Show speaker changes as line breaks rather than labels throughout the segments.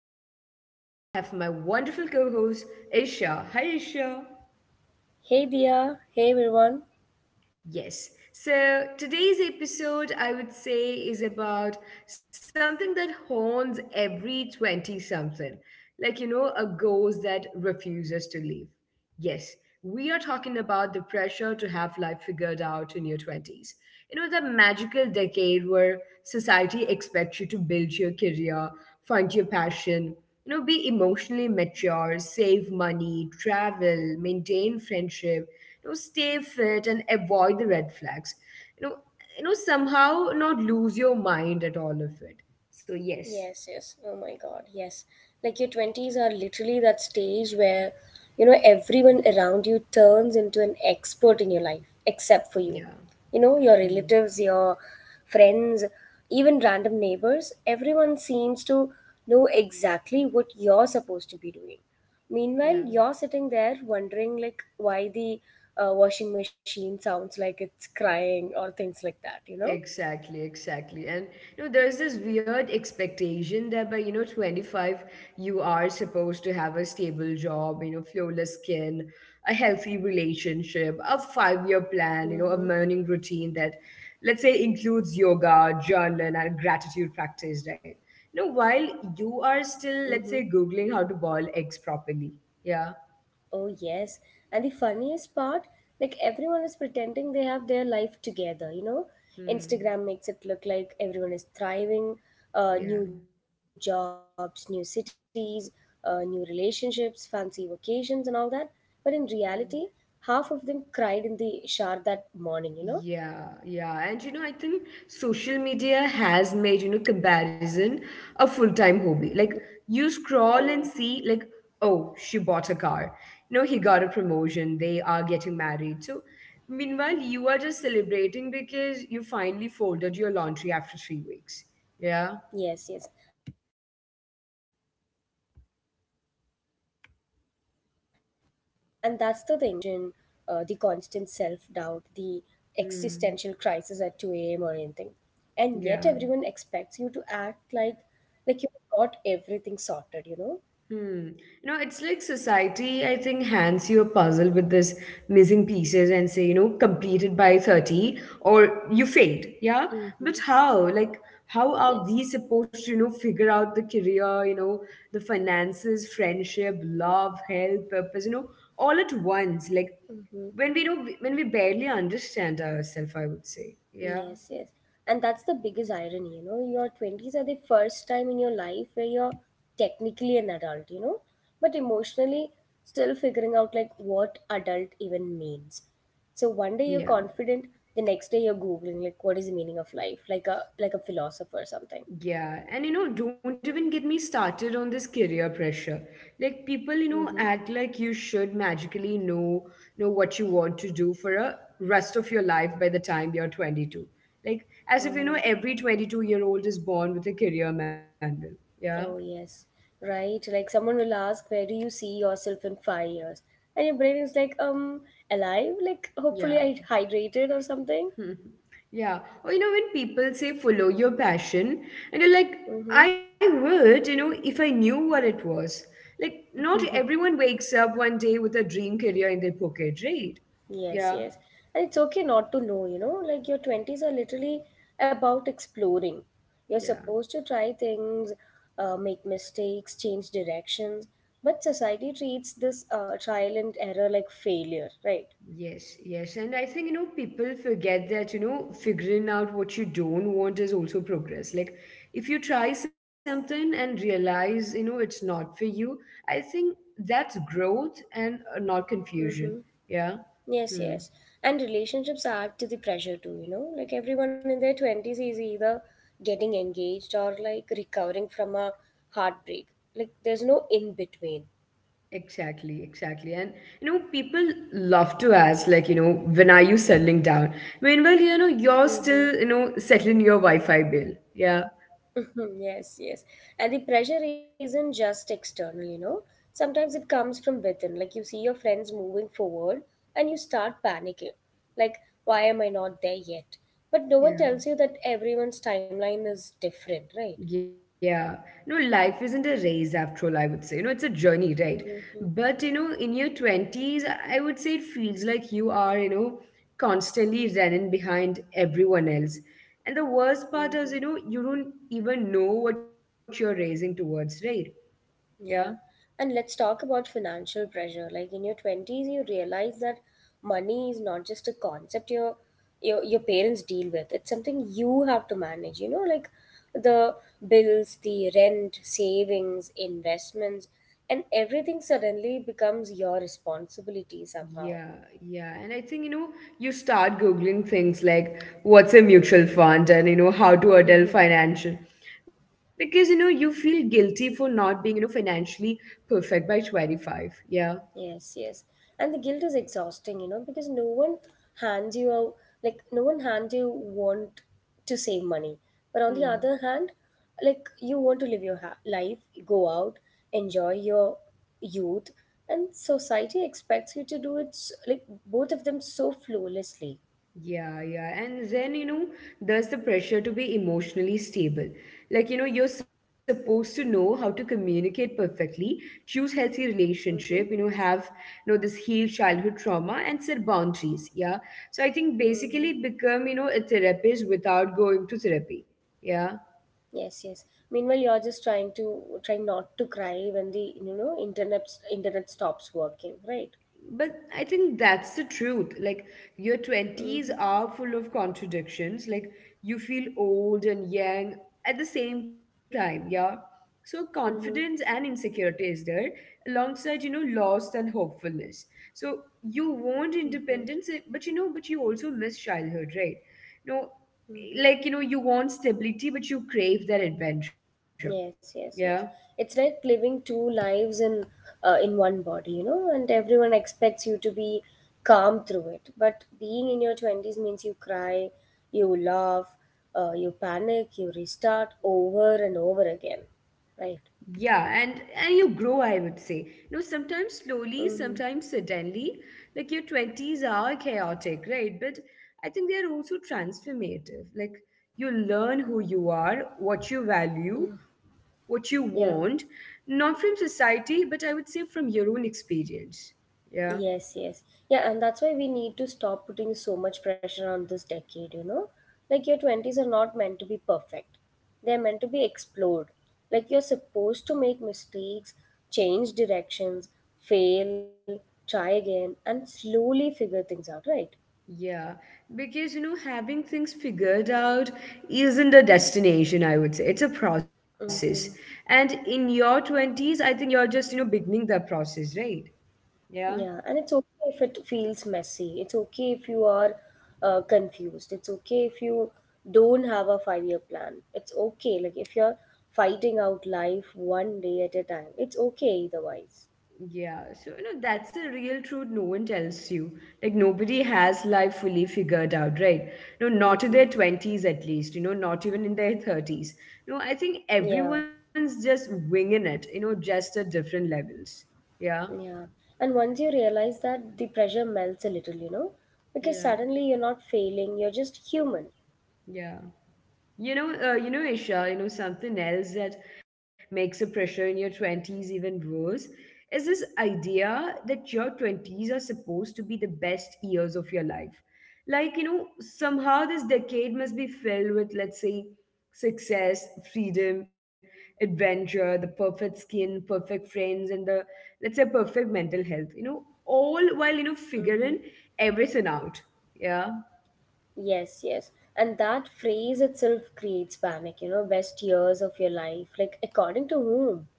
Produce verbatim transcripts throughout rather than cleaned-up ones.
and with me I have my wonderful co host Aisha. Hi Aisha.
Hey Dia, hey everyone.
Yes, so today's episode I would say is about something that haunts every twenty something, like you know, a ghost that refuses to leave. Yes, we are talking about the pressure to have life figured out in your twenties. You know, the magical decade where society expects you to build your career, find your passion, you know be emotionally mature, save money, travel, maintain friendship, you know stay fit, and avoid the red flags, you know you know somehow not lose your mind at all of it. So yes.
Yes, yes. Oh my god, yes. Like your twenties are literally that stage where, you know, everyone around you turns into an expert in your life, except for you.
Yeah.
You know, your
Hmm.
relatives, your friends, even random neighbors, everyone seems to know exactly what you're supposed to be doing.
Yeah.
Meanwhile, you're sitting there wondering, like, why the uh, washing machine sounds like it's crying or things like that, you know?
Exactly, exactly. And you know, there's this weird expectation that by, you know, twenty-five, you are supposed to have a stable job, you know, flawless skin, a healthy relationship, a five-year plan, you know,
Mm-hmm.
a morning routine that, let's say, includes yoga, journaling, and gratitude practice, right? You know, while you are still, let's
Mm-hmm.
say, Googling how to boil eggs properly. Yeah.
Oh, yes. And the funniest part, like everyone is pretending they have their life together, you know?
Hmm.
Instagram makes it look like everyone is thriving, uh,
Yeah.
new jobs, new cities, uh, new relationships, fancy vacations, and all that. But in reality, half of them cried in the shower that
Yeah,
morning, you know?
yeah. And you know, I think social media has made, you know, comparison a full-time hobby. Like you scroll and see like, oh, she
Mm.
bought a car. No, he
Oh,
got a
yes.
promotion. They are getting married. So meanwhile, you are just celebrating because you finally folded your laundry after three weeks. Yeah.
Yes, yes. And that's the thing. Your twenties are messy. No one prepares uh, you for the confusion, uh, the constant self doubt, the
Hmm.
existential crisis at two a m or anything. And yet,
Yeah.
everyone expects you to act like like you've got everything sorted, you know?
Hmm. You know, it's like society, I think, hands you a puzzle with this missing pieces and say, you know, completed by thirty or you failed. Yeah. But
Mm-hmm.
how? Like, how are
Yes.
we supposed to, you know, figure out the career, you know, the finances, friendship, love, health, purpose, you know, all at once? Like,
Mm-hmm.
when we don't, when we barely understand ourselves, I would say. Yeah.
Yes, yes. And that's the biggest irony, you know. Your twenties are the first time in your life where you're technically an adult, you know, but emotionally still figuring out like what adult even means. So one day you're
Yeah.
confident, the next day you're googling like what is the meaning of life, like a like a philosopher or something.
Yeah, and you know, don't even get me started on this career pressure. Like people, you know,
Mm-hmm.
act like you should magically know know what you want to do for a rest of your life by the time you're twenty-two. Like as if you
Mm-hmm.
know every twenty-two year old is born with a career manual. Yeah.
Oh yes. Right. Like someone will ask, where do you see yourself in five years? And your brain is like, um, alive? Like hopefully
Yeah.
I hydrated or something.
Yeah. Or you know, when people say follow your passion, and you're like,
Mm-hmm.
I would, you know, if I knew what it was. Like, not everyone wakes up one day with a dream career in their pocket, right?
Yes,
Yeah,
yes. And it's okay not to know, you know, like your twenties are literally about exploring. You're
yeah,
supposed to try things, uh, make mistakes, change directions, but society treats this uh, trial and error like failure, right?
yes, yes. And I think, you know, people forget that, you know, figuring out what you don't want is also progress. Like, if you try something and realize, you know, it's not for you, I think that's growth and uh, not confusion.
Mm-hmm.
Yeah.
Yes,
Hmm.
yes. And relationships add to the pressure too, you know, like everyone in their twenties is either getting engaged or like recovering from a heartbreak. Like there's no in between.
Exactly, exactly. And you know, people love to ask, like, you know, when are you settling down? Meanwhile, you know, you're
Mm-hmm.
still, you know, settling your Wi-Fi bill. Yeah.
Mhm, yes, yes. And the pressure isn't just external, you know. Sometimes it comes from within. Like you see your friends moving forward and you start panicking. Like, why am I not there yet? But no one tells you that
Yeah.
everyone's timeline is different, right?
Yeah. No, life isn't a race after all, I would say. You know, it's a journey, right?
Mm-hmm,
But, you know, in your twenties, I would say it feels like you are, you know, constantly running behind everyone else. And the worst part is, you
mm-hmm.
know, you don't even know what you're racing towards, right? Yeah.
Yeah. And let's talk about financial pressure. Like in your twenties, you realize that money is not just a concept your your your parents deal with. It's something you have to manage, you know, like the bills, the rent, savings, investments, and everything suddenly becomes your responsibility somehow.
Yeah, yeah. And I think, you know, you start Googling things like what's a mutual fund and, you know, how to adult financial. Because, you know, you feel guilty for not being, you know, financially perfect by twenty-five. Yeah.
Yes, yes. And the guilt is exhausting, you know, because no one hands you out, like, no one hands you want to save money. But on the
Hmm.
other hand, like, you want to live your ha- life, go out, enjoy your youth, and society expects you to do it, s- like, both of them so flawlessly.
Yeah, yeah. And then, you know, there's the pressure to be emotionally stable. Like, you know, you're supposed to know how to communicate perfectly, choose healthy
Mm-hmm.
relationship, you know, have, you know, this heal childhood trauma and set boundaries. Yeah. So I think
Mm-hmm.
basically become, you know, a therapist without going to therapy. Yeah.
Yes, yes. Meanwhile, you're just trying to, trying not to cry when the, you know, internet, internet stops working, right?
But I think that's the truth. Like, your twenties
Mm-hmm.
are full of contradictions. Like, you feel old and young at the same time, yeah? So, confidence and
Mm-hmm.
insecurity is there alongside, you know, loss and hopefulness. So, you want
Mm-hmm.
independence, eh, but you know, but you also miss childhood, right? No,
Mm-hmm.
like, you know, you want stability, but you crave that adventure.
Yes,
Yeah.
yes, yes. It's like living two lives in uh, in one body, you know, and everyone expects you to be calm through it. But being in your twenties means you cry, you laugh, uh, you panic, you restart over and over again, right?
Yeah, and and you grow, I would say. You know, sometimes slowly,
Mm-hmm.
sometimes suddenly. Like your twenties are chaotic, right? But I think they are also transformative. Like you learn who you are, what you value,
Mm.
what you want,
Yeah.
not from society, but I would say from your own experience. Yeah.
Yes, yes. Yeah, and that's why we need to stop putting so much pressure on this decade, you know? Like, your twenties are not meant to be perfect, they're meant to be explored. Like, you're supposed to make mistakes, change directions, fail, try again, and slowly figure things out, right?
Yeah, because you know, having things figured out isn't a destination, I would say. It's a process.
Mm-hmm.
And in your twenties, I think you're just, you know, beginning the process, right? Yeah.
Yeah, and it's okay if it feels messy. It's okay if you are uh, confused. It's okay if you don't have a five-year plan. It's okay, like if you're fighting out life one day at a time. It's okay either wise.
Yeah. So, you know, that's a real truth no one tells you. Like, nobody has life fully figured out, right? No, not in their
Mm-hmm.
twenties at least, you know, not even in their thirties. No, I think
Yeah,
everyone's just winging it, you know, just at different levels. Yeah.
yeah. And once you realize that, the pressure melts a little, you know, because
Yeah.
suddenly you're not failing, you're just human.
Yeah. You know, uh, you know, Isha, you know, something else that makes the pressure in your twenties even worse is this idea that your twenties are supposed to be the best years of your life. Like, you know, somehow this decade must be filled with, let's say, success, freedom, adventure, the perfect skin, perfect friends, and the, let's say, perfect mental health, you know, all while, you know,
Mm-hmm.
figuring everything out. Yeah.
Yes, yes. And that phrase itself creates panic, you know, best years of your life. Like, according to whom?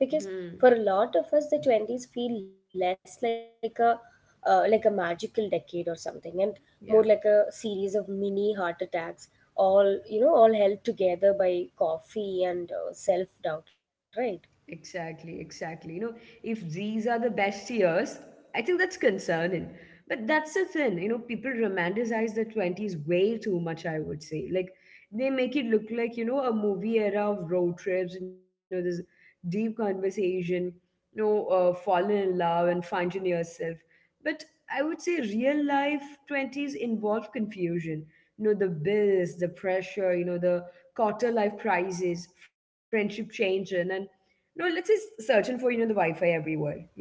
Because for a lot of us, the twenties feel less like a uh, like a magical decade or something and more like a
Yeah.
series of mini heart attacks all you know all held together by coffee and uh, self doubt, right?
Exactly, exactly. You know, if these are the best years, I think that's concerning. But that's the thing, you know, people romanticize the twenties way too much, I would say. Like, they make it look like, you know, a movie era of road trips, you know, this deep conversation, you know, uh, falling in love and finding yourself. But I would say real life twenties involve confusion. You know, the bills, the pressure, you know, the quarter life crisis, friendship changes, and no, let's just searching for, you know, the Wi-Fi everywhere. Yeah.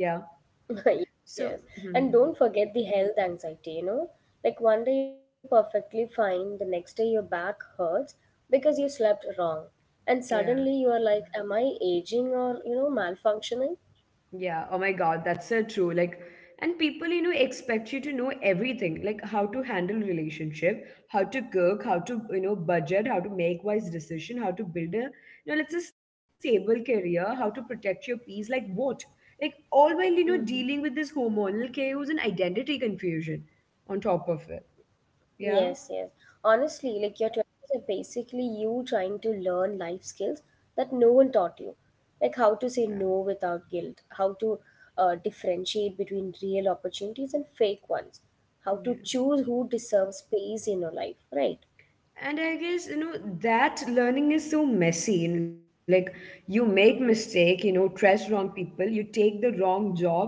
So,
Yes,
hmm,
yes. And don't forget the health anxiety, you know? Like one day you're perfectly fine, the next day your back hurts because you slept wrong.
yeah.
And suddenly you are like, am I aging or, you know, malfunctioning?
Yeah. Oh my God, that's so true. Like, and people, you know, expect you to know everything, like how to handle relationship, how to cook, how to, you know, budget, how to make wise decision, how to build a, you know, let's say stable career, how to protect your peace, like what? Like all while,
Mm-hmm.
you know, dealing with this hormonal chaos and identity confusion on top of it. Yeah.
Yes, yes. Honestly, like your twenties are basically you trying to learn life skills that no one taught you.
Yeah.
Like how to say no without guilt, how to uh, differentiate between real opportunities and fake ones,
Yeah.
how to choose who deserves space in your life, right?
And I guess, you know that learning is so messy. And like, you make mistake, you
Mm-hmm.
know trust wrong people, you take the wrong jobs,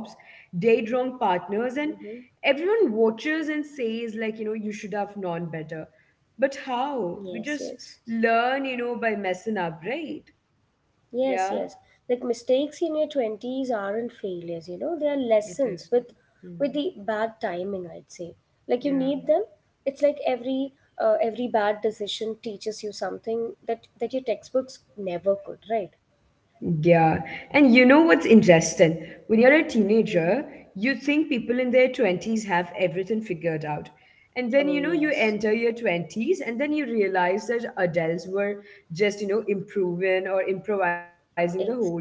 date wrong partners, and
Mm-hmm.
everyone watches and says like, you know you should have known better. But how? We
Yes,
just
yes.
learn, you know by messing up, right? Yeah.
Yes, yes. Like mistakes in your twenties aren't failures, you know, they are
It
lessons
is not.
with with
Hmm.
the bad timing, I'd say. Like you
Yeah.
need them. It's like every uh, every bad decision teaches you something that that your textbooks never could, right?
Yeah. And you know what's interesting? When you're a teenager,
Hmm.
you think people in their twenties have everything figured out. And then, you
Oh,
know, you
yes.
enter your twenties and then you realize that adults were just, you know, improving or improvising the whole time.
Exactly.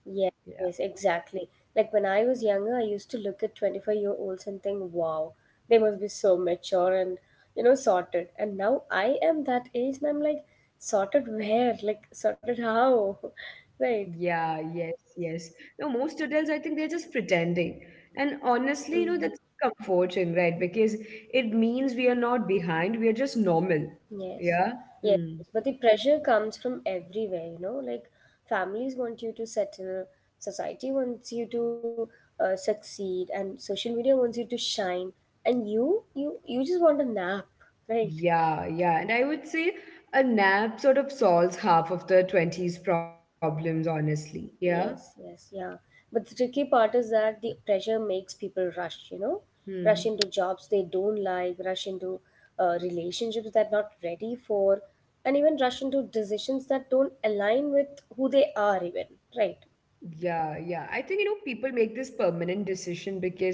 Yeah.
Yes, yes, exactly. Like when I was younger, I used to look at twenty-five-year-olds-year-olds and think, wow, they must be so mature and, you know, sorted. And now I am that age and I'm like, sorted where? Like, sorted how? Right.
Yeah, yes, yes. No, most adults, I think they're just pretending. And honestly, you know, that's
Hmm.
comforting, right? Because it means we are not behind, we are just normal.
Yes.
Yeah.
Yes.
Hmm.
But the pressure comes from everywhere, you know, like families want you to settle, society wants you to uh, succeed, and social media wants you to shine. And you, you, you just want a nap, right?
Yeah, yeah. And I would say a nap sort of solves half of the twenties problems, honestly. Yeah.
Yes, yes, yeah. But the tricky part is that the pressure makes people rush, you know, rush
Hmm.
into jobs they don't like, rush into uh, relationships they're not ready for, and even rush into decisions that don't align with who they are, even, right?
Yeah, yeah. I think, you know, people make this permanent decision because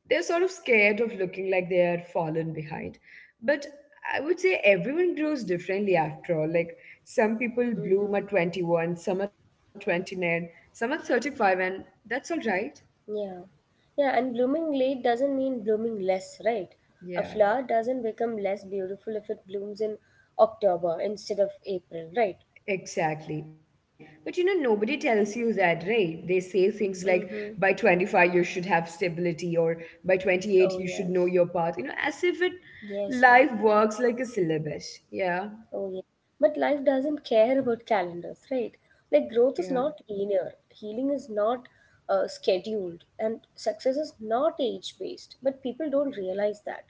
they're sort of scared of looking like they are fallen behind. But I would say everyone grows differently after all. Like some people
Mm-hmm.
bloom at twenty-one, some at twenty-nine, some at thirty-five, and that's all right.
Yeah. Yeah, and blooming late doesn't mean blooming less, right? A
Yeah.
flower doesn't become less beautiful if it blooms in October instead of April, right?
Exactly. But you know, nobody tells you that, right? They say things like by
Mm-hmm.
twenty-five you should have stability or by twenty-eight
Oh,
you should know
yes.
your path, you know, as if it
Yes, yes.
life works like a syllabus. Yeah,
Oh, yeah. But life doesn't care about calendars, right?
yeah,
Like, growth is not linear, healing is not uh, scheduled, and success is not age based. But people don't
yeah.
realize that.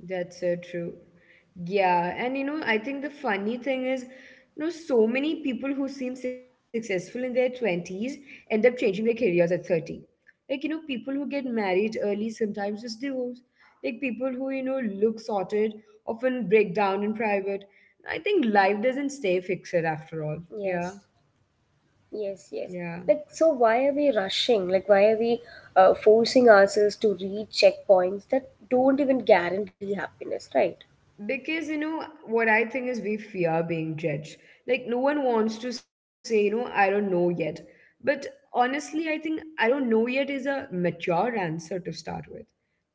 That's so true. Yeah, and you know, I think the funny thing is, you know, so many people who seem successful in their twenties end up changing their careers at thirty. Like, you know, people who get married early sometimes just divorce. Like, people who, you know, look sorted often break down in private. I think life doesn't stay fixed after all. Yeah,
Yes, yes,
yeah.
yes. Like, so why are we rushing? Like, why are we uh, forcing ourselves to reach checkpoints that don't even guarantee happiness, right?
Because, you know, what I think is we fear being judged. Like, no one wants to say, you know, I don't know yet. But honestly, I think I don't know yet is a mature answer to start with.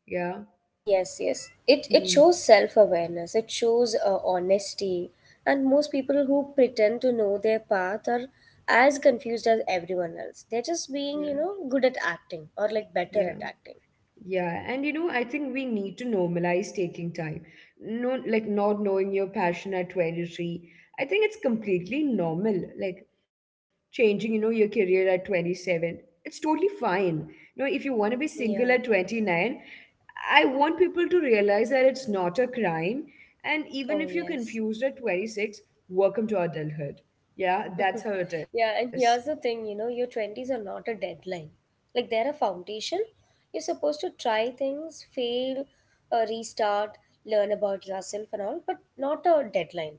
Yeah.
Yes, yes. It it
Mhm.
shows self-awareness. It shows uh, honesty. And most people who pretend to know their path are as confused as everyone else. They're just
Yeah.
being, you know, good at acting or like better
Yeah.
at acting.
Yeah, and you know, I think we need to normalize taking time. No, like not knowing your passion at twenty-three. I think it's completely normal. Like changing, you know, your career at twenty-seven. It's totally fine. You know, if you want to be single at
Yeah.
twenty-nine, I want people to realize that it's not a crime. And even
Oh,
if you're
yes.
confused at twenty-six, welcome to adulthood. Yeah, that's how it is.
Yeah, and here's the thing, you know, your twenties are not a deadline. Like they're a foundation. You're supposed to try things, fail, uh, restart, learn about yourself and all, but not a deadline.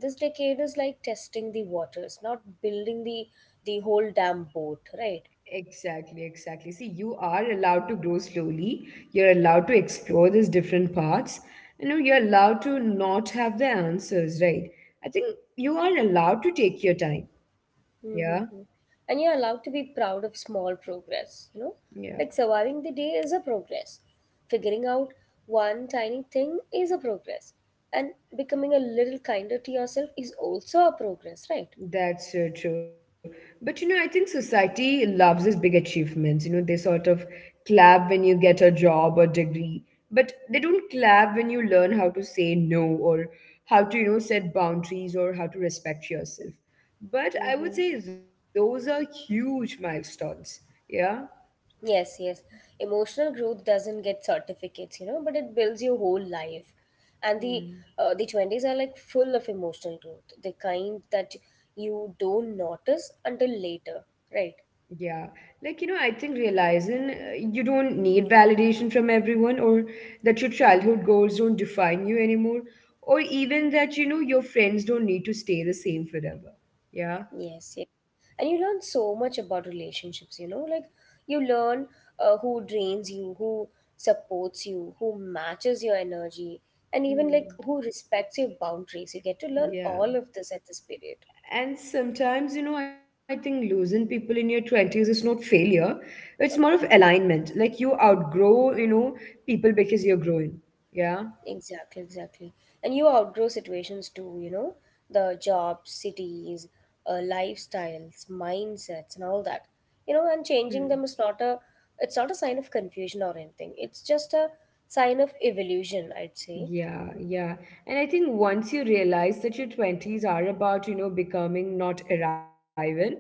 This decade is like testing the waters, not building the the whole damn boat, right?
Exactly, exactly. See, you are allowed to grow slowly. You're allowed to explore these different paths. You know, you're allowed to not have the answers, right? I think you are allowed to take your time. Yeah,
Mm-hmm. And you're allowed to be proud of small progress, you know?
yeah.
Like surviving the day is a progress. Figuring out one tiny thing is a progress. And becoming a little kinder to yourself is also a progress, right?
That's so true. But you know, I think society loves these big achievements. You know, they sort of clap when you get a job or degree, but they don't clap when you learn how to say no or how to, you know, set boundaries or how to respect yourself. But I would
Mm-hmm.
say those are huge milestones. Yeah.
Yes, yes. Emotional growth doesn't get certificates, you know, but it builds your whole life. And the
Hmm.
uh, the twenties are like full of emotional growth, the kind that you don't notice until later, right?
Yeah, like you know, I think realizing uh, you don't need validation from everyone, or that your childhood goals don't define you anymore, or even that you know your friends don't need to stay the same forever. Yeah.
Yes, yes. And you learn so much about relationships, you know, like you learn uh, who drains you, who supports you, who matches your energy, and even like
Hmm.
who respects your boundaries. You get to learn
Yeah.
all of this at this period.
And sometimes, you know, I think losing people in your twenties is not failure, it's more of
Oh,
alignment. Like you outgrow,
yes.
you know, people because you're growing. Yeah.
Exactly, exactly. And you outgrow situations too, you know, the jobs, cities, uh, lifestyles, mindsets, and all that. You know, and
Hmm.
changing them is not a it's not a sign of confusion or anything. It's just a sign of evolution, I'd say.
Yeah, yeah. And I think once you realize that your twenties are about, you know, becoming, not arrival,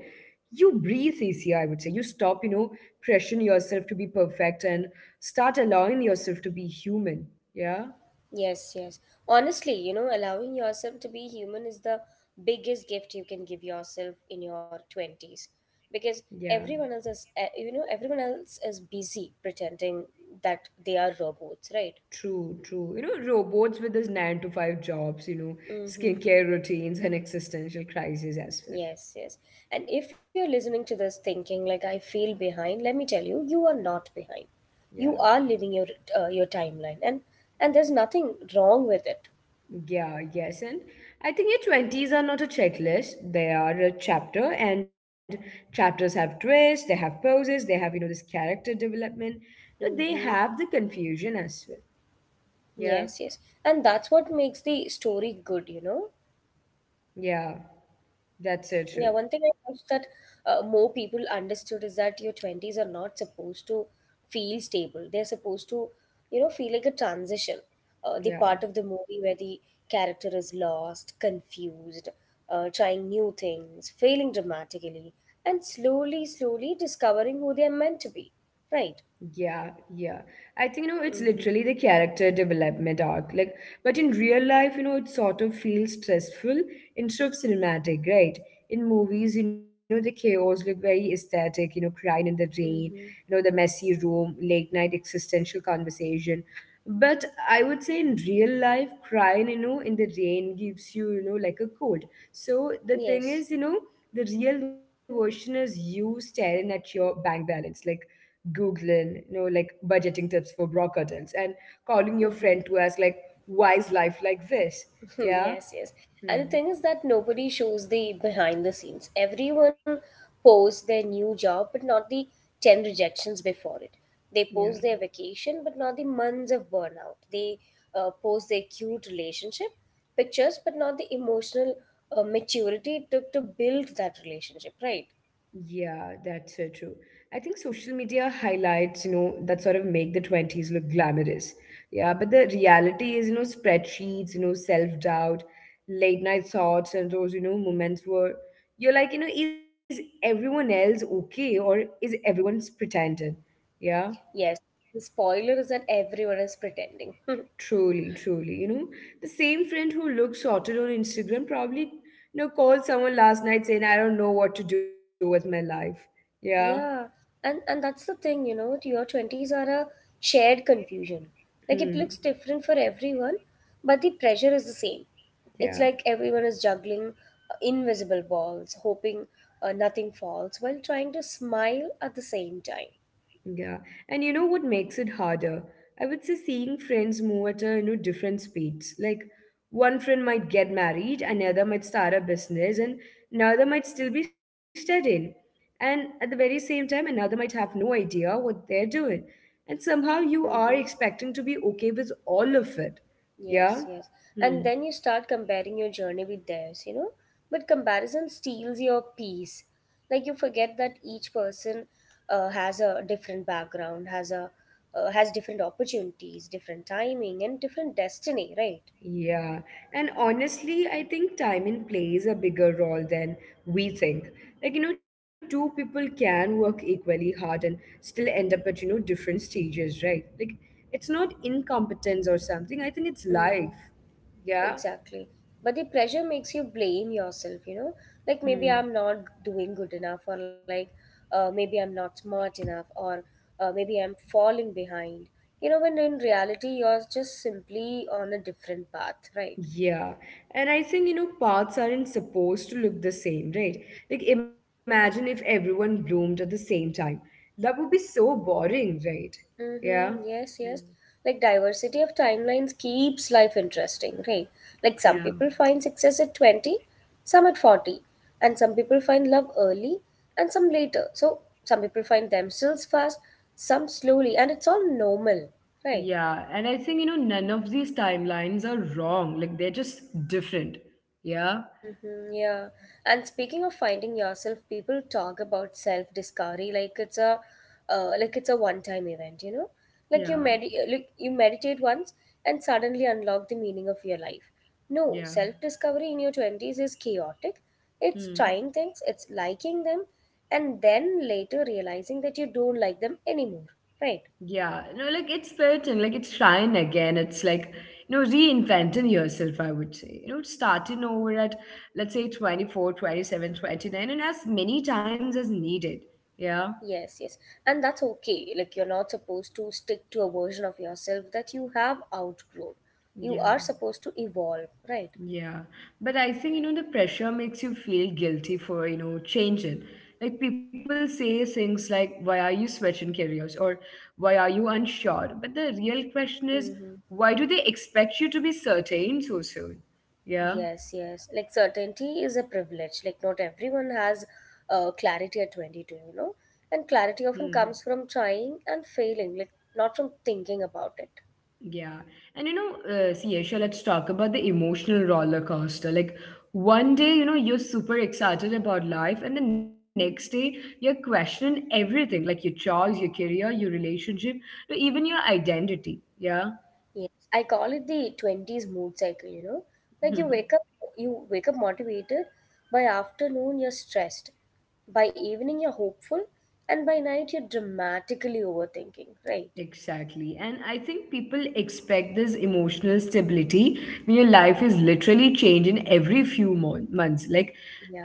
you breathe easier, I would say. You stop, you know, pressuring yourself to be perfect and start allowing yourself to be human. Yeah,
Yes, yes. Honestly, you know, allowing yourself to be human is the biggest gift you can give yourself in your twenties because
yeah.
everyone else is uh, you know, everyone else is busy pretending that they are robots, right?
True, true. You know, robots with these nine to five jobs, you know,
Mm-hmm.
skincare routines and existential crises as well.
Yes, yes. And if you're listening to this thinking, like I feel behind, let me tell you, you are not behind.
Yeah.
You are living your uh, your timeline, and and there's nothing wrong with it.
Yeah, yes. And I think your twenties are not a checklist. They are a chapter, and chapters have twists, they have poses, they have, you know, this character development. No, they
Mm-hmm.
have the confusion as well. Yeah,
Yes, yes. And that's what makes the story good, you know.
yeah, that's so
Yeah,
true.
one thing I wish that uh, more people understood is that your twenties are not supposed to feel stable. They're supposed to, you know, feel like a transition. Uh, the
Yeah.
part of the movie where the character is lost, confused, uh, trying new things, failing dramatically, and slowly, slowly discovering who they're meant to be. Right?
Yeah, yeah. I think, you know, it's literally
Mm-hmm.
the character development arc. Like, but in real life, you know, it sort of feels stressful instead of cinematic, right? In movies, you know, the chaos look very aesthetic, you know, crying in the rain,
Mm-hmm.
you know, the messy room, late night existential conversation. But I would say in real life, crying, you know, in the rain gives you, you know, like a cold. So the thing
Yes.
is, you know, the real version is you staring at your bank balance, like Googling, you know, like budgeting tips for bra curtains and calling your
Mm-hmm.
friend to ask, like, why is life like this?
Hmm,
Yeah.
yes, yes. And the
Hmm.
thing is that nobody shows the behind the scenes. Everyone posts their new job, but not the ten rejections before it. They
Yeah.
post their vacation, but not the months of burnout. They uh, post their cute relationship pictures, but not the emotional uh, maturity it took to build that relationship, right?
Yeah, that's so true. I think social media highlights, you know, that sort of make the twenties look glamorous. Yeah. But the reality is, you know, spreadsheets, you know, self doubt, late night thoughts, and those, you know, moments where you're like, you know, is everyone else okay or is everyone's pretending? Yeah.
Yes. The spoiler is that everyone is pretending.
Truly, truly. You know, the same friend who looks sorted on Instagram probably, you know, called someone last night saying, I don't know what to do with my life. Yeah.
Yeah, and and that's the thing, you know, your twenties are a shared confusion. Like it
Hmm.
looks different for everyone, but the pressure is the same. It's
Yeah.
like everyone is juggling uh, invisible balls, hoping uh, nothing falls, while trying to smile at the same time.
Yeah, and you know what makes it harder? I would say seeing friends move at a you know different speeds. Like one friend might get married, another might start a business, and another might still be studying. And at the very same time, another might have no idea what they're doing. And somehow you are
Mm-hmm.
expecting to be okay with all of it.
Yes,
Yeah?
yes. And
Hmm.
then you start comparing your journey with theirs, you know? But comparison steals your peace. Like you forget that each person uh, has a different background, has a uh, has different opportunities, different timing, and different destiny, right?
Yeah, and honestly, I think timing plays a bigger role than we think. Like, you know, two people can work equally hard and still end up at, you know, different stages, right? Like, it's not incompetence or something. I think it's
Mm-hmm.
life. Yeah.
Exactly. But the pressure makes you blame yourself, you know? Like maybe
Mm.
I'm not doing good enough, or like uh, maybe I'm not smart enough, or uh, maybe I'm falling behind. You know, when in reality, you're just simply on a different path, right?
Yeah. And I think, you know, paths aren't supposed to look the same, right? Like, imagine if everyone bloomed at the same time. Love would be so boring, right? Yeah.
Mm-hmm. Yes,
Mm.
yes. Like diversity of timelines keeps life interesting, right? Like some
Yeah.
people find success at twenty, some at forty, and some people find love early and some later. So some people find themselves fast, some slowly, and it's all normal, right?
Yeah, and I think, you know, none of these timelines are wrong. Like they're just different. Yeah.
Mm-hmm, yeah. And speaking of finding yourself, people talk about self-discovery like it's a uh, like it's a one-time event, you know? Like you
Yeah.
med- like you meditate once and suddenly unlock the meaning of your life. No,
Yeah.
self-discovery in your twenties is chaotic. It's
Hmm.
trying things, it's liking them, and then later realizing that you don't like them anymore, right?
Yeah. No, like it's certain. Like it's trying again. It's like, you know, reinventing yourself, I would say. You know, starting over at, let's say, twenty four, twenty seven, twenty nine, and as many times as needed. Yeah.
Yes, yes. And that's okay. Like, you're not supposed to stick to a version of yourself that you have outgrown. You are
Yeah.
supposed to evolve, right?
Yeah, but I think you know the pressure makes you feel guilty for you know changing. Like people say things like, "Why are you switching careers?" or "Why are you unsure?" But the real question is,
Mm-hmm.
why do they expect you to be certain so soon? Yeah.
Yes, yes. Like, certainty is a privilege. Like, not everyone has uh, clarity at twenty-two, you know? And clarity
Hmm.
often comes from trying and failing, like, not from thinking about it.
Yeah. And you know, uh, see, Aisha, let's talk about the emotional roller coaster. Like, one day, you know, you're super excited about life, and the next day, you're questioning everything, like your choice, your career, your relationship, to even your identity. Yeah.
Yes, I call it the twenties mood cycle, you know. Like you wake up you wake up motivated, by afternoon you're stressed, by evening, you're hopeful, and by night, you're dramatically overthinking, right?
Exactly. And I think people expect this emotional stability when your life is literally changing every few mo- months. Like,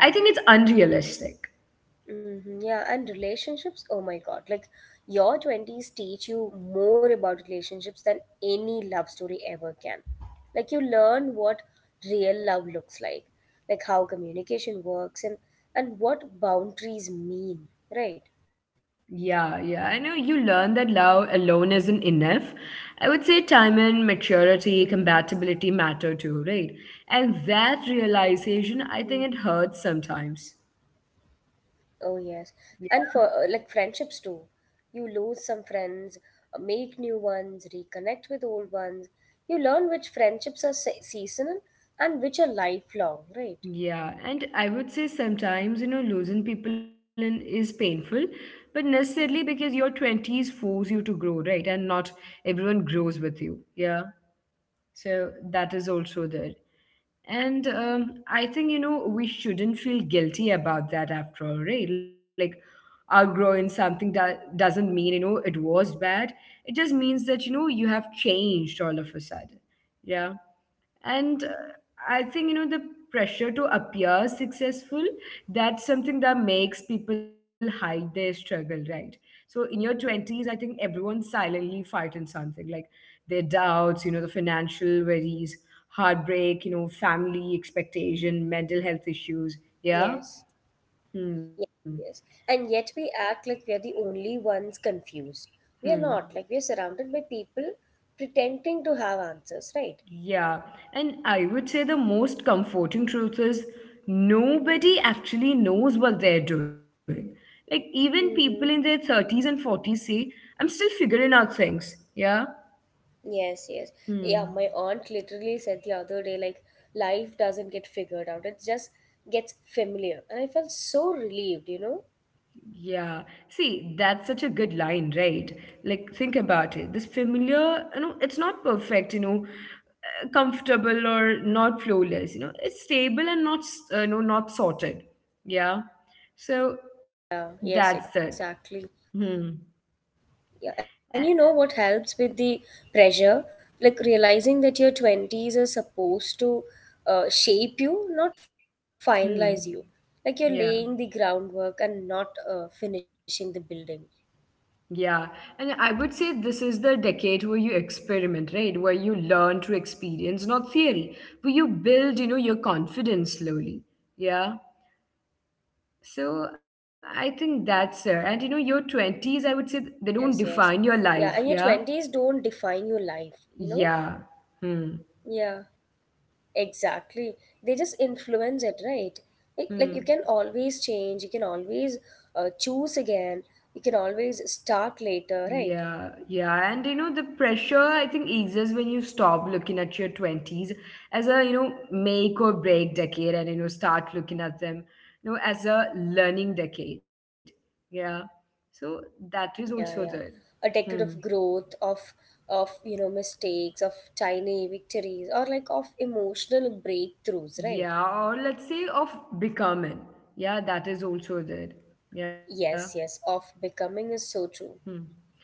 I think it's unrealistic.
hmm Yeah, and relationships, oh my God. Like, your twenties teach you more about relationships than any love story ever can. Like, you learn what real love looks like, like how communication works and, and what boundaries mean, right?
Yeah, yeah. I know you learn that love alone isn't enough. I would say time and maturity,
Mm-hmm.
compatibility matter too, right? And that realization, I think it
Mm-hmm.
hurts sometimes.
Oh
Yeah.
yes, and for uh, like friendships too. You lose some friends, uh, make new ones, reconnect with old ones. You learn which friendships are se- seasonal and which are lifelong, right?
Yeah, and I would say sometimes, you know, losing people in is painful, but necessarily because your twenties force you to grow, right? And not everyone grows with you. Yeah. So that is
Yes,
also
yes.
there.
And we shouldn't
And
feel
um,
guilty
I
about
think,
that,
you
you
know,
know?
we
Like
shouldn't feel guilty
outgrowing
about
something
that
doesn't
after
mean
all,
it
right?
was
Like,
bad.
outgrowing something that doesn't mean, you know, it was bad. It just means that, you know, you have changed all of a sudden.
Yes,
Yeah,
yes.
and
Exactly.
uh, I think you know the pressure to appear successful, that's something that makes people hide their struggle, right? So in your twenties, I think everyone's silently fighting something, like their doubts, you know, the financial worries, heartbreak, you know, family expectation, mental health issues. Yeah.
Yes.
Hmm.
Yes, yes. And yet we act like we are the only ones confused. We are
Hmm.
not. Like we are surrounded by people pretending to have answers, right?
Yeah, and I would say the most comforting truth is nobody actually knows what they're doing. Like, even people in their
Mm-hmm.
thirties and forties say, I'm still figuring out things. Yeah?
Yes, yes. Yeah,
Hmm.
my aunt literally said the other day, like, life doesn't get figured out. It just gets familiar. And I felt so relieved, you know?
Yeah. See, that's such a good line, right? Like, think about it. This familiar, you know, it's not perfect, you know, uh, comfortable or not flawless, you know, it's stable and not, s- uh, you know, not sorted. Yeah. So
Yeah,
that's it.
yes, exactly.
Hmm.
Yeah, and you know what helps with
Eh.
the pressure? Like realizing that your twenties are supposed to uh, shape you, not finalize you. Like you're laying the groundwork
Hmm.
and not uh,
Yeah.
finishing the building.
Yeah. And I would say this is the decade where you experiment, right? Where you learn to experience, not theory, where you build, you know, your confidence slowly. Yeah. So I think that's it. And you know, your
Yes, yes.
twenties, I would say
Yeah,
th-
and your
they don't
twenties
define
don't
your
define
life.
your
Yeah.
life, you know?
Yeah.
Yeah,
Hmm.
exactly. They just influence it, right? Like, like you can always
Hmm.
change, you can always uh, choose again, you can always start later, right?
Yeah, yeah, and you know the pressure I think exists when you stop looking at your twenties as a you know make or break decade and you know start looking at them you know as a learning decade. Yeah. So that is also
Yeah,
there.
yeah. A decade
Hmm.
of growth, of of you know mistakes, of tiny victories, or like of emotional breakthroughs, right?
Yeah, or let's say of becoming. Yeah, that is also there. Yeah.
Yes, yes. Of becoming is so true.
Hmm.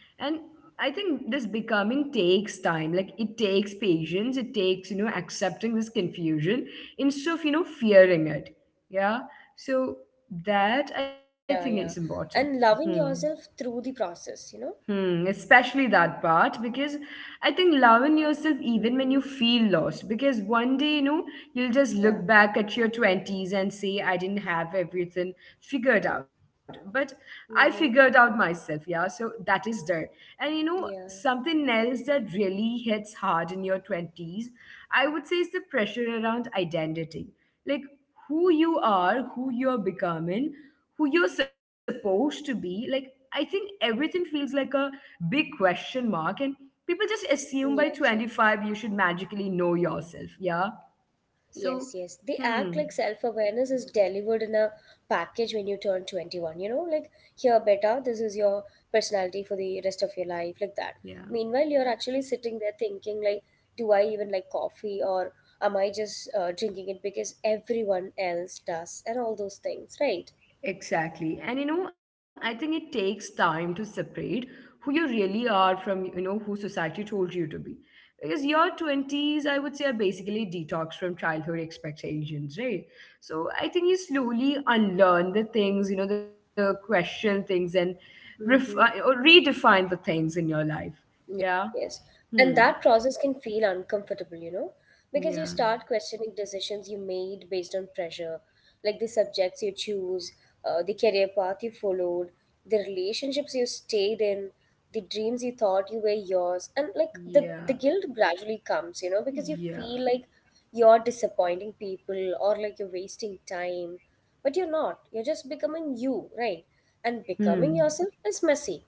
And I think this becoming takes time. Like it takes patience. It takes, you know, accepting this confusion instead of, you know, fearing it. Yeah. So that I think is
Yeah, yeah.
important.
And
Hmm.
loving yourself through the process, you know.
Hmm, especially that part because I think loving yourself even when you
Mm-hmm.
feel lost. Because one day, you know, you'll just look back
Yeah.
at your twenties and say, I didn't have everything figured out. But I figured
Mm-hmm.
out myself, yeah. So that is there. And you know,
Yeah.
something else that really hits hard in your twenties, I would say, is the pressure around identity. Like who you are, who you're becoming, who you're supposed to be. Like, I think everything feels like a big question mark, and people just assume by
Yes.
twenty-five you should magically know yourself. Yeah. So,
Yes, yes. They act
hmm.
like self awareness is delivered in a package when you turn twenty-one. You know, like, here, beta, this is your personality for the rest of your life, like that.
Yeah.
Meanwhile, you're actually sitting there thinking, like, do I even like coffee or am I just uh, drinking it because everyone else does, and all those things, right?
Exactly. And you know, I think it takes time to separate who you really are from, you know, who society told you to be. Because your twenties, I would say, are basically detox from childhood expectations, right? So I think you slowly unlearn the things, you know, the question things and ref- uh, or
Mm-hmm.
redefine the things in your life.
Ye-
Yeah.
Yes. And
Hmm.
that process can feel uncomfortable, you know, because you
Yeah.
start questioning decisions you made based on pressure, like the subjects you choose, uh, the career path you followed, the relationships you stayed in, the dreams you thought you were yours. And like the,
Yeah.
the guilt gradually comes, you know, because you
Yeah.
feel like you're disappointing people or like you're wasting time. But you're not. You're just becoming you, right? And
Hmm.
becoming yourself is messy,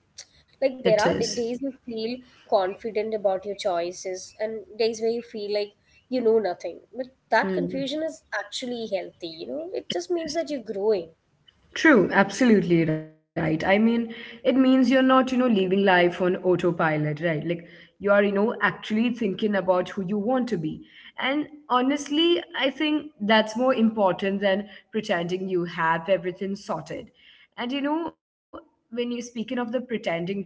It
like there are
is.
the days you feel confident about your choices and days where you feel like you know nothing. But that
Hmm.
confusion is actually healthy, you know? It just means that you're growing.
True, absolutely right. I mean, it means you're not, you know, living life on autopilot, right? Like you are, you know, actually thinking about who you want to be. And honestly, I think that's more important than pretending you have everything sorted. And you know, when you're speaking of the pretending part,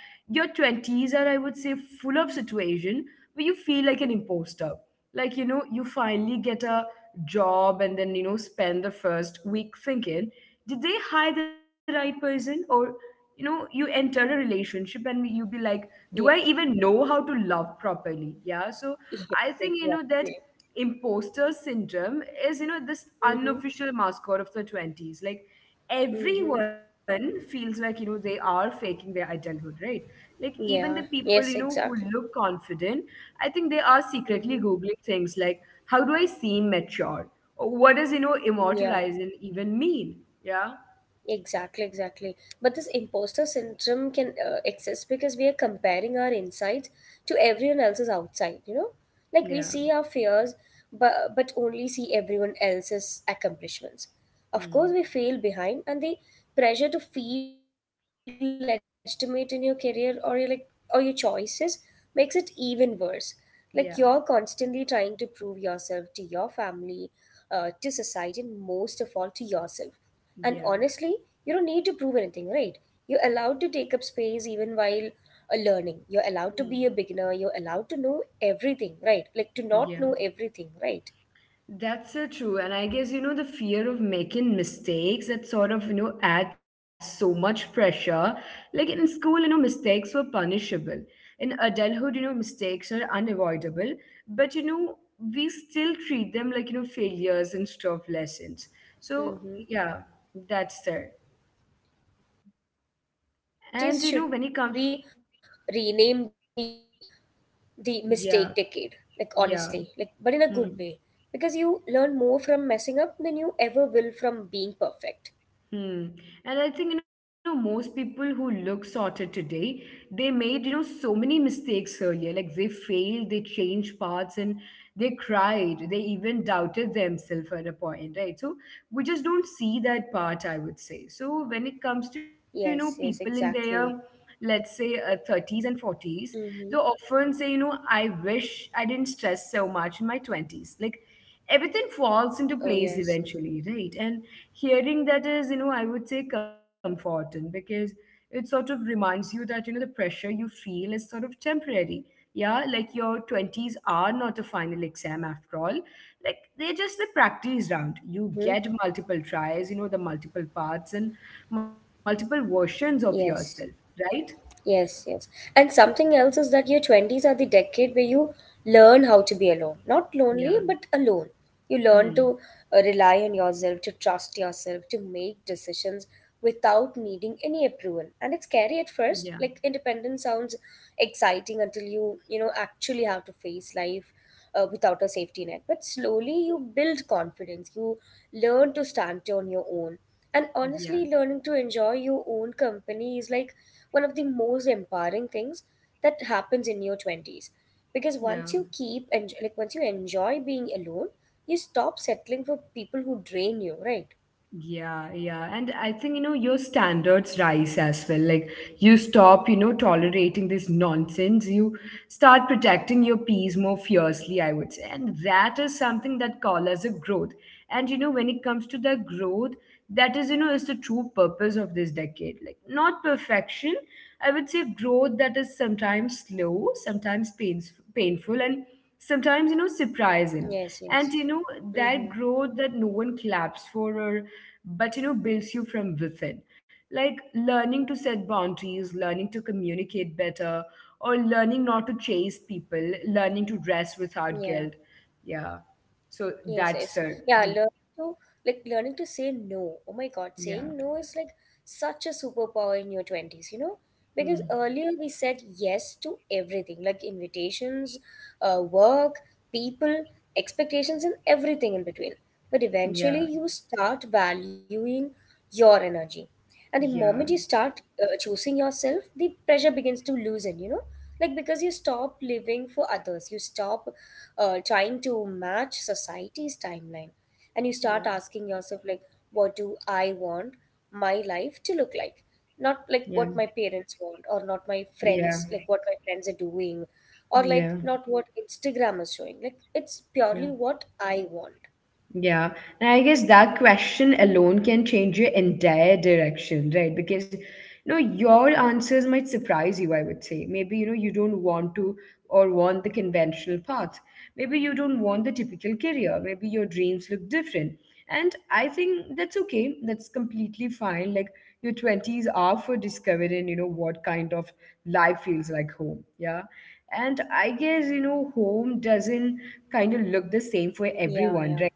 your twenties are, I would say, full of situation where you feel like an imposter. Like, you know, you finally get a job and then, you know, spend the first week thinking, did they hire the right person? Or, you know, you enter a relationship and you be like, do I
Yeah.
even know how to love properly? Yeah. So
Yes,
I think, you know, that
exactly.
imposter syndrome is, you know, this
Mm-hmm.
unofficial mascot of the twenties. Like,
Mm-hmm.
everyone feels like, you know, they are faking their adulthood, right? Like, even the
Yeah.
people, you
Yes,
know, who
exactly.
look confident, I think they are secretly
Mm-hmm.
Googling things like, how do I seem mature? Or what does, you know,
Yeah.
immortalizing even mean? Yeah.
Exactly, exactly. But this imposter syndrome can uh, exist because we are comparing our insides to everyone else's outside, you know? Like we
Yeah.
see our fears, but, but only see everyone else's accomplishments. Of course,
Hmm.
we feel behind, and the pressure to feel legitimate in your career or your, like or your choices makes it even worse. Like you're constantly trying
Yeah.
to prove yourself to your family, uh, to society, and most of all to yourself and honestly,
Yeah.
you don't need to prove anything, right? You're allowed to take up space even while uh, learning. You're allowed to be a
Hmm.
beginner. You're allowed to know everything, right? Like to not
Yeah.
know everything, right?
That's so true. And I guess, you know, the fear of making mistakes that sort of, you know, adds so much pressure. Like in school, you know, mistakes were punishable. In adulthood, you know, mistakes are unavoidable. But, you know, we still treat them like, you know, failures instead of lessons. So,
Mm-hmm.
yeah, that's there.
Yeah,
And,
your
you know, when
twenties
it
should
comes,
be renamed the the mistake decade. Like
yeah,
honestly, like but in a good
yeah.
way, because
Hmm.
you learn more from messing up than you ever will from being perfect.
Hmm. And I think, you know, most people who look sorted today, they made, you know, so many mistakes earlier. Like they failed, they changed paths, and they cried. They even doubted themselves at a point, right? So we just don't see that part, I would say. So when it comes to, you
Yes,
know,
yes,
people in
exactly.
their, let's say, uh, thirties and forties,
Mm-hmm.
they often say, you know, I wish I didn't stress so much in my twenties. Like, everything falls
Oh
into place
yes.
eventually, right? And hearing that is, you know, I would say comforting because it sort of reminds you that, you know, the pressure you feel is sort of temporary. Yeah, like your twenties are not a final exam after all. Like they're just the practice round. You
Mm-hmm.
get multiple tries, you know, the multiple parts and multiple versions of yourself,
Yes.
right?
Yes, yes. And something else is that your twenties are the decade where you learn how to be alone. Not lonely,
Yeah.
but alone. You learn
Hmm.
to uh, rely on yourself, to trust yourself, to make decisions without needing any approval. And it's scary at
Yeah.
first. Like independence sounds exciting until you, you know, actually have to face life uh, without a safety net. But slowly you build confidence. You learn to stand on your own. And honestly,
Yeah.
learning to enjoy your own company is like one of the most empowering things that happens in your twenties because
Yeah.
once you keep and like once you enjoy being alone you stop settling for people who drain you, right?
Yeah, yeah. And I think, you know, your standards rise as well. Like you stop, you know, tolerating this nonsense. You start protecting your peace more fiercely, I would say. And that is something that call as a growth. And you know, when it comes to the growth, that is you know is the true purpose of this decade, like not perfection. I would say growth, that is sometimes slow, sometimes pains, painful, and sometimes you know surprising.
Yes, yes.
And you know that
Mm-hmm.
growth that no one claps for, or but you know builds you from within, like learning to set boundaries, learning to communicate better, or learning not to chase people, learning to dress without
Yeah.
guilt. Yeah. So
Yes, yes.
that's uh,
Yeah,
mm,
learn to like learning to say no. Oh my God, saying
yeah.
no is like such a superpower in your twenties, you know? Because
Hmm.
earlier we said yes to everything, like invitations, uh, work, people, expectations, and everything in between. But
Yeah,
eventually you start valuing your energy. And the moment you
yeah,
start uh, choosing yourself, the pressure begins to loosen, you know? Like because you stop living for others, you stop uh, trying to match society's timeline and you start
yeah,
asking yourself like what do I want my life to look like, not like
yeah,
what my parents want or not my
yeah,
friends like what my friends are doing, or like
yeah,
not what Instagram is showing, like it's
yeah.
purely what I want.
Yeah, and I guess that question alone can change your entire direction, right? Because you know your answers might surprise you, I would say. Maybe you know you don't want to or want the conventional path. Maybe you don't want the typical career. Maybe your dreams look different. And I think that's okay. That's completely fine. Like your twenties are for discovering, you know, what kind of life feels like home. Yeah. And I guess, you know, home doesn't kind of look the same for
Yeah,
everyone,
yeah.
right?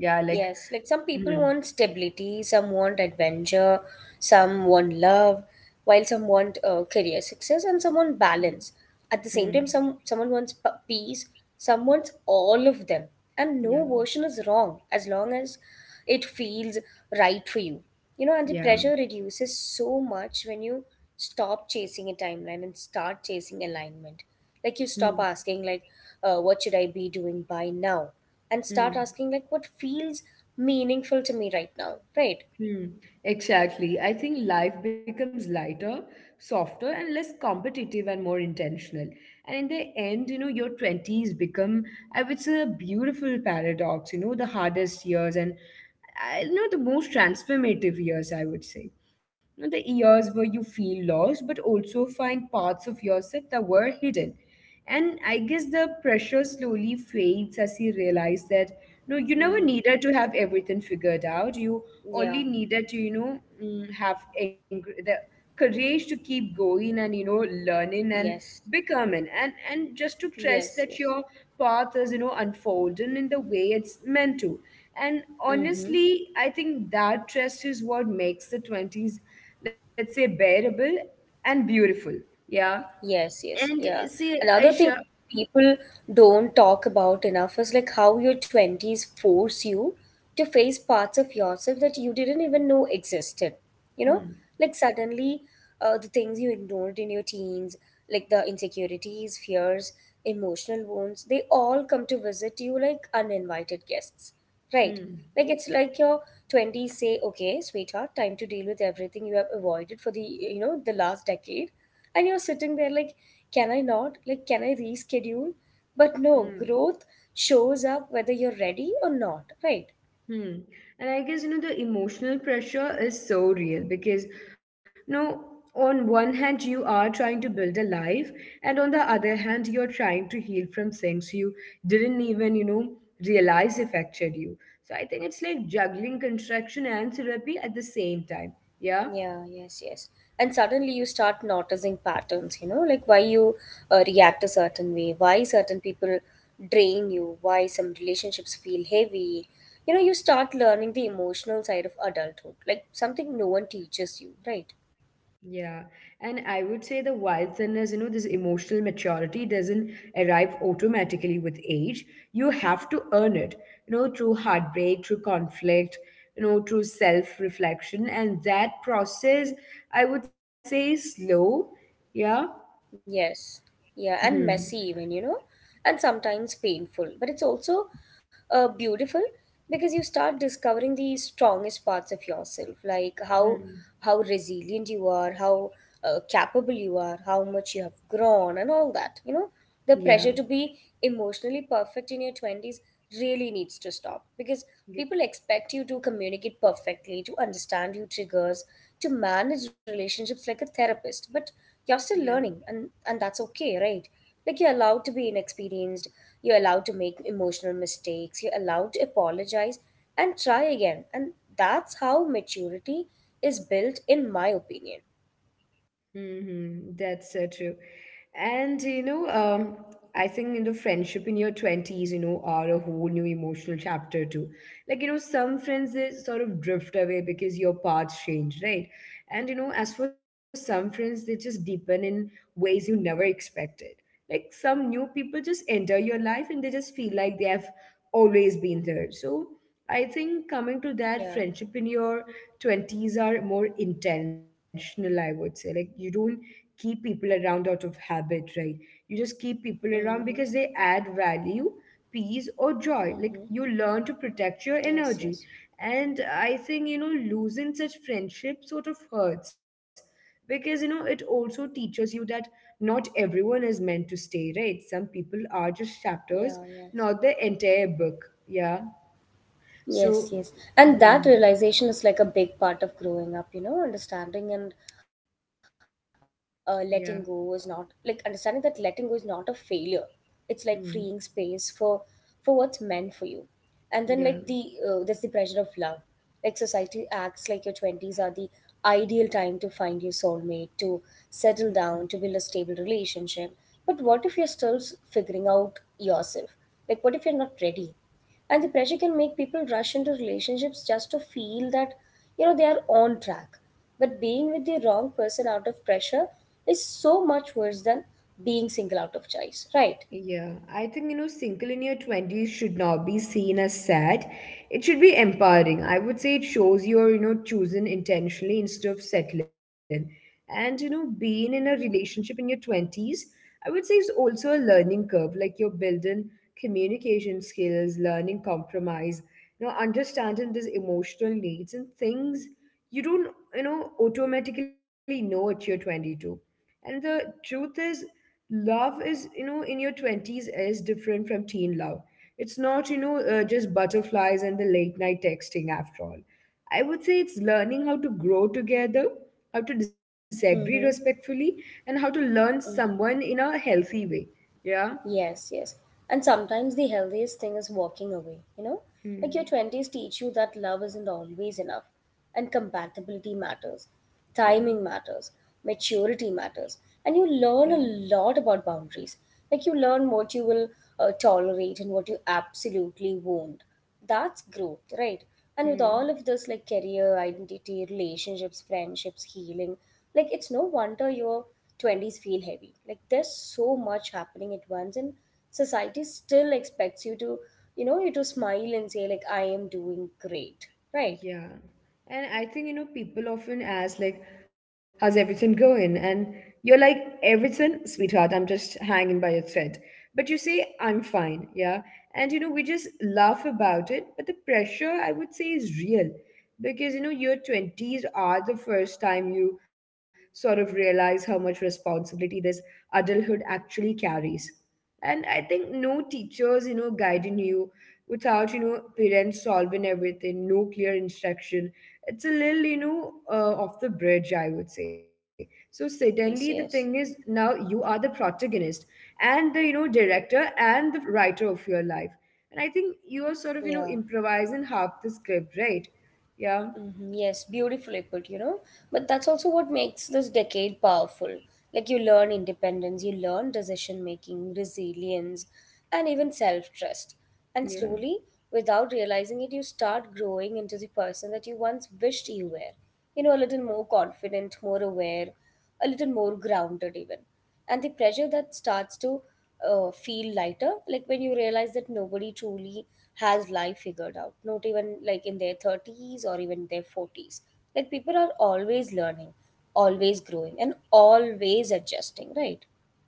Yeah, like,
Yes, like some people
mm,
want stability, some want adventure, some want love, while some want uh, career success, and some want balance. At the same
mm,
time, some someone wants p- peace, some wants all of them, and no
yeah,
version is wrong as long as it feels right for you. You know, and the
yeah,
pressure reduces so much when you stop chasing a timeline and start chasing alignment. Like you stop
mm,
asking, like, uh, what should I be doing by now? And start
mm.
asking like what feels meaningful to me right now, right?
Hmm, exactly. I think life becomes lighter, softer, and less competitive and more intentional. And in the end, you know, your twenties become, I would say, a beautiful paradox, you know, the hardest years and, I you know, the most transformative years, I would say. You know, the years where you feel lost, but also find parts of yourself that were hidden. And I guess the pressure slowly fades as you realize that no, you never
Mm-hmm.
needed to have everything figured out. You only
Yeah.
needed to you know mm, have eng- the courage to keep going and you know learning and
Yes,
becoming and and just to trust
yes.
that
Yes.
your path is you know unfolding in the way it's meant to. And
Mm-hmm.
honestly, I think that trust is what makes the twenties, let's say, bearable and beautiful. Yeah.
Yes, yes,
And
yeah.
see,
Another thing
Aisha,
people don't talk about enough is like how your twenties force you to face parts of yourself that you didn't even know existed. You know,
hmm,
like suddenly uh, the things you ignored in your teens, like the insecurities, fears, emotional wounds, they all come to visit you like uninvited guests, right?
hmm,
Like it's like your twenties say, okay, sweetheart, time to deal with everything you have avoided for the, you know, the last decade and you're sitting there like can i not like can I reschedule? But no,
hmm.
growth shows up whether you're ready or not, right?
Hmm. And I guess, you know, the emotional pressure is so real because, you know, on one hand, you are trying to build a life, and on the other hand, you're trying to heal from things you didn't even, you know, realize affected you. So I think it's like juggling construction and therapy at the same time. Yeah.
Yeah, yes, yes. And suddenly you start noticing patterns, you know, like why you uh, react a certain way, why certain people drain you, why some relationships feel heavy. You know, you start learning the emotional side of adulthood like something no one teaches you, right?
Yeah, and I would say the wild thing is, you know, this emotional maturity doesn't arrive automatically with age. You have to earn it, you know, through heartbreak, through conflict, you know, through self-reflection, and that process, I would say, is slow. Yeah.
Yes. Yeah, and
Hmm.
messy even, you know, and sometimes painful. But it's also uh, beautiful because you start discovering the strongest parts of yourself, like how
Hmm.
how resilient you are, how uh, capable you are, how much you have grown, and all that. You know, the
Yeah.
pressure to be emotionally perfect in your twenties really needs to stop because
Yeah.
people expect you to communicate perfectly, to understand your triggers, to manage relationships like a therapist. But you're
Yeah.
still learning, and and that's okay, right? Like, you're allowed to be inexperienced, you're allowed to make emotional mistakes, you're allowed to apologize and try again, and that's how maturity is built, in my opinion.
Mm-hmm. That's so true. And you know, um, I think in the friendship in your twenties, you know, are a whole new emotional chapter too. Like, you know, some friends they sort of drift away because your paths change, right? And you know, as for some friends, they just deepen in ways you never expected. Like some new people just enter your life and they just feel like they have always been there. So I think coming to that
Yeah.
friendship in your twenties are more intentional, I would say. Like, you don't keep people around out of habit, right? You just keep people around
Mm-hmm.
because they add value, peace, or joy. Like,
Mm-hmm.
you learn to protect your
Yes,
energy.
yes.
And I think, you know, losing such friendship sort of hurts because, you know, it also teaches you that not everyone is meant to stay, right? Some people are just chapters,
Yeah, yes.
not the entire book. Yeah.
Yes,
So,
yes. And that
mhm,
realization is like a big part of growing up, you know, understanding and, uh, letting go is not
yeah.
like understanding that letting go is not a failure. It's like freeing space for
Hmm.
for what's meant for you. And then, like the uh, there's the
Yeah,
pressure of love. Like, society acts like your twenties are the ideal time to find your soulmate, to settle down, to build a stable relationship. But what if you're still s- figuring out yourself? Like, what if you're not ready? And the pressure can make people rush into relationships just to feel that, you know, they are on track. But being with the wrong person out of pressure is so much worse than being single out of choice, right?
yeah. I think, you know, single in your twenties should not be seen as sad. It should be empowering. I would say it shows you're, you know, choosing intentionally instead of settling. And, you know, being in a relationship in your twenties, I would say is also a learning curve. Like you're building communication skills, learning compromise, you know, understanding these emotional needs and things you don't, you know, automatically know at your twenty-two. And the truth is, love is, you know, in your twenties is different from teen love. It's not, you know, uh, just butterflies and the late night texting after all. I would say it's learning how to grow together, how to disagree
Mm-hmm.
respectfully, and how to learn
Mm-hmm.
someone in a healthy way. Yeah.
Yes, yes. And sometimes the healthiest thing is walking away, you know? Like, your twenties
Hmm.
teach you that love isn't always enough, and compatibility matters, timing
Yeah.
matters, maturity matters, and you learn a
Yeah.
lot about boundaries. Like, you learn what you will uh, tolerate and what you absolutely won't. That's growth, right? And with all of this,
Hmm.
like career, identity, relationships, friendships, healing, like it's no wonder your twenties feel heavy. Like, there's so much happening at once, and society still expects you to, you know, you to smile and say like, I am doing great, right?
Yeah. And I think, you know, people often ask, like, how's everything going? And you're like, everything, sweetheart, I'm just hanging by a thread. But you say, I'm fine. Yeah. And, you know, we just laugh about it. But the pressure, I would say, is real because you know your twenties are the first time you sort of realize how much responsibility this adulthood actually carries. And I think no teachers you know guiding you, without you know parents solving everything, no clear instruction. It's a little you know uh, off the bridge, I would say. So suddenly the thing
Yes,
is,
yes.
now you are the protagonist and the you know director and the writer of your life, and I think you are sort of you know
Yeah.
improvising half the script, right? Yeah,
hmm Yes, beautifully put, you know. But that's also what makes this decade powerful. Like, you learn independence, you learn decision making, resilience, and even self trust. And
yeah,
slowly, without realizing it, you start growing into the person that you once wished you were. You know, a little more confident, more aware, a little more grounded, even. And the pressure that starts to uh, feel lighter, like when you realize that nobody truly has life figured out, not even like in their thirties or even their forties. Like, people are always learning, always growing, and always adjusting, right?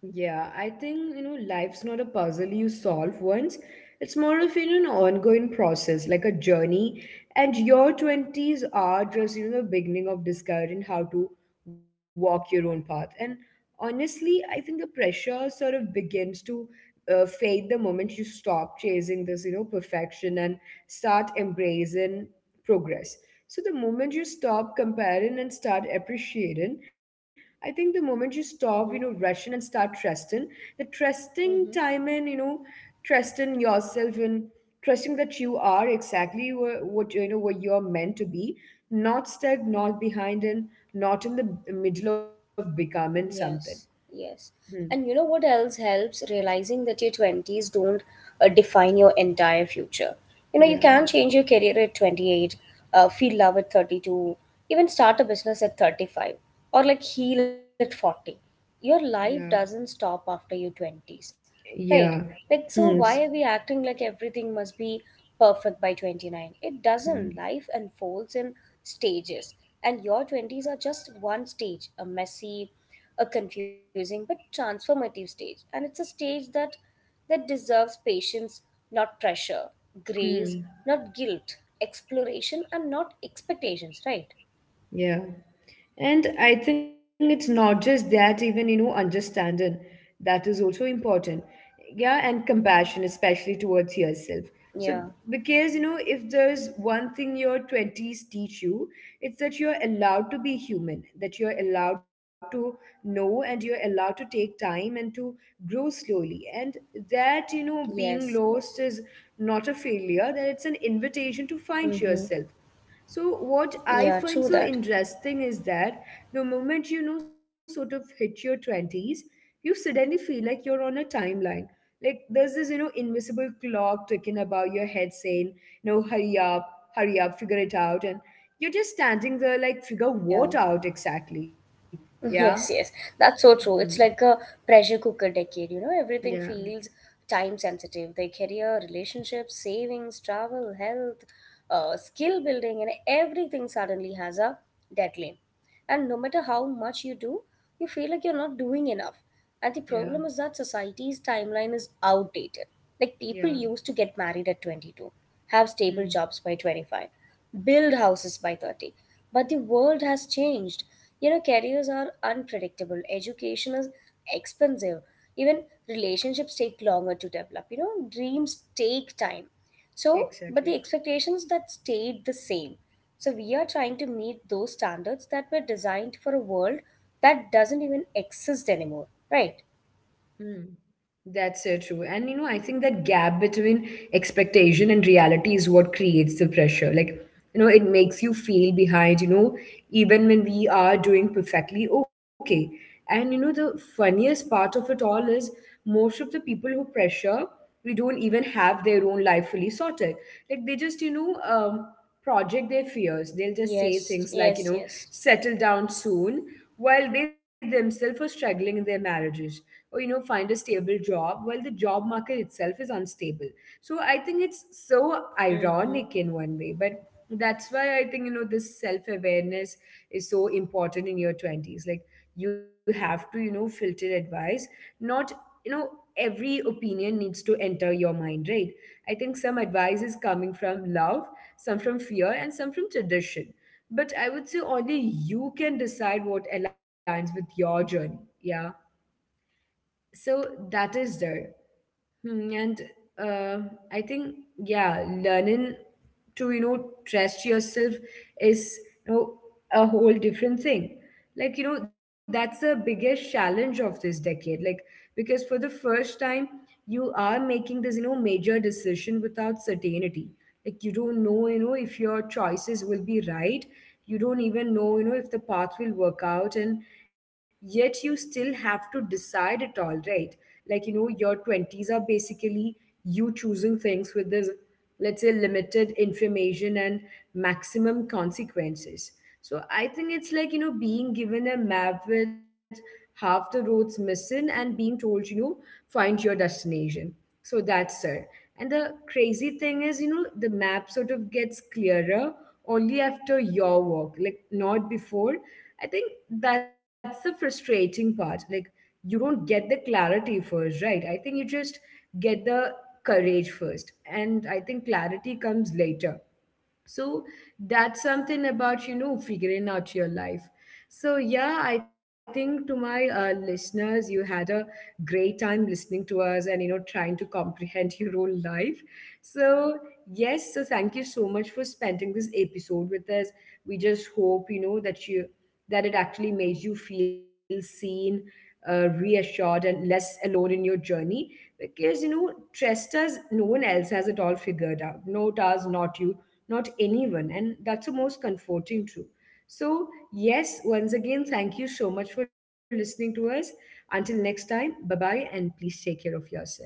yeah. I think, you know, life's not a puzzle you solve once. It's more of, you know, an ongoing process, like a journey. And your twenties are just, you know, the beginning of discovering how to walk your own path. And honestly, I think the pressure sort of begins to uh, fade the moment you stop chasing this, you know, perfection and start embracing progress. So the moment you stop comparing and start appreciating, I think the moment you stop, you know,
Mm-hmm.
rushing and start trusting, the trusting time and, you know, trusting yourself and trusting that you are exactly wha- what, you know, what you're meant to be, not stuck, not behind, and not in the middle of becoming something.
Yes, yes.
Hmm.
And you know what else helps? Realizing that your twenties don't uh, define your entire future. You know, you
Yeah.
can change your career at twenty-eight, uh, feel love at thirty-two, even start a business at thirty-five, or like heal at forty. Your
Yeah.
life doesn't stop after your twenties, right?
Yeah.
Like, so
Hmm.
why
S-
are we acting like everything must be perfect by twenty-nine? It
Hmm.
doesn't. Life unfolds in stages, and your twenties are just one stage, a messy, a confusing but transformative stage, and it's a stage that that deserves patience, not pressure; grace,
Hmm.
not guilt; exploration, and not expectations, right?
Yeah. And I think it's not just that, even, you know, understanding that is also important. Yeah, and compassion, especially towards yourself. So,
Yeah.
because, you know, if there's one thing your twenties teach you, it's that you're allowed to be human, that you're allowed to know and you're allowed to take time and to grow slowly. And that, you know, being
Yes,
lost is
yes.
not a failure, that it's an invitation to find
Mm-hmm.
yourself. So what I
Yeah,
find so
true that.
interesting is that the moment you know sort of hit your twenties, you suddenly feel like you're on a timeline. Like there's this, you know, invisible clock ticking about your head saying, no, hurry up, hurry up, figure it out. And you're just standing there like, figure
Yeah.
what out exactly? Yeah.
Yes, yes, that's so
Hmm.
true. It's like a pressure cooker decade, you know? Everything
Yeah.
feels time sensitive, their career, relationships, savings, travel, health, uh, skill building, and everything suddenly has a deadline. And no matter how much you do, you feel like you're not doing enough. And the
Yeah.
problem is that society's timeline is outdated. Like, people
Yeah.
used to get married at twenty-two, have stable
Hmm.
jobs by twenty-five, build houses by thirty. But the world has changed. You know, careers are unpredictable, education is expensive, even relationships take longer to develop. You know, dreams take time. So, but the
Exactly.
expectations that stayed the same, so we are trying to meet those standards that were designed for a world that doesn't even exist anymore, right?
Hmm. That's so true. And you know, I think that gap between expectation and reality is what creates the pressure. Like, you know it makes you feel behind, you know, even when we are doing perfectly okay. And you know the funniest part of it all is, most of the people who pressure we don't even have their own life fully sorted. Like they just you know um, project their fears. They'll just say
Yes,
things like, you
yes,
know,
yes.
settle down soon, while they
Mm-hmm.
themselves are struggling in their marriages, or you know, find a stable job,
Yeah.
while the job market itself is unstable. So I think it's so ironic in one way, but that's why I think you know this self-awareness is so important in your twenties. Like you have to you know filter advice, not you know every opinion needs to enter your mind, right? I think some advice is coming from love, some from fear, and some from tradition, but I would say only you can decide what aligns with your journey. Yeah. So that is there. Hmm, and uh, I think, yeah, learning to you know trust yourself is you know a whole different thing. Like you know that's the biggest challenge of this decade. Like because for the first time you are making this you know major decision without certainty. Like you don't know you know if your choices will be right. You don't even know you know if the path will work out, and yet you still have to decide it all, right? Like you know your twenties are basically you choosing things with this, let's say, limited information and maximum consequences. So I think it's like you know being given a map with half the roads missing and being told, you know, find your destination. So that's it. And the crazy thing is, you know, the map sort of gets clearer only after your walk, like not before. I think that's the frustrating part. Like you don't get the clarity first, right? I think you just get the courage first. And I think clarity comes later. So that's something about you know figuring out your life. So yeah, I think to my uh, listeners, you had a great time listening to us and you know trying to comprehend your own life. So yes, so thank you so much for spending this episode with us. We just hope you know that you, that it actually made you feel seen, uh, reassured and less alone in your journey, because you know, trust us, no one else has it all figure figured out, not us, not you, not anyone. And that's the most comforting truth. So, yes, once again, thank you so much for listening to us. Until next time, bye bye, and please take care of yourself.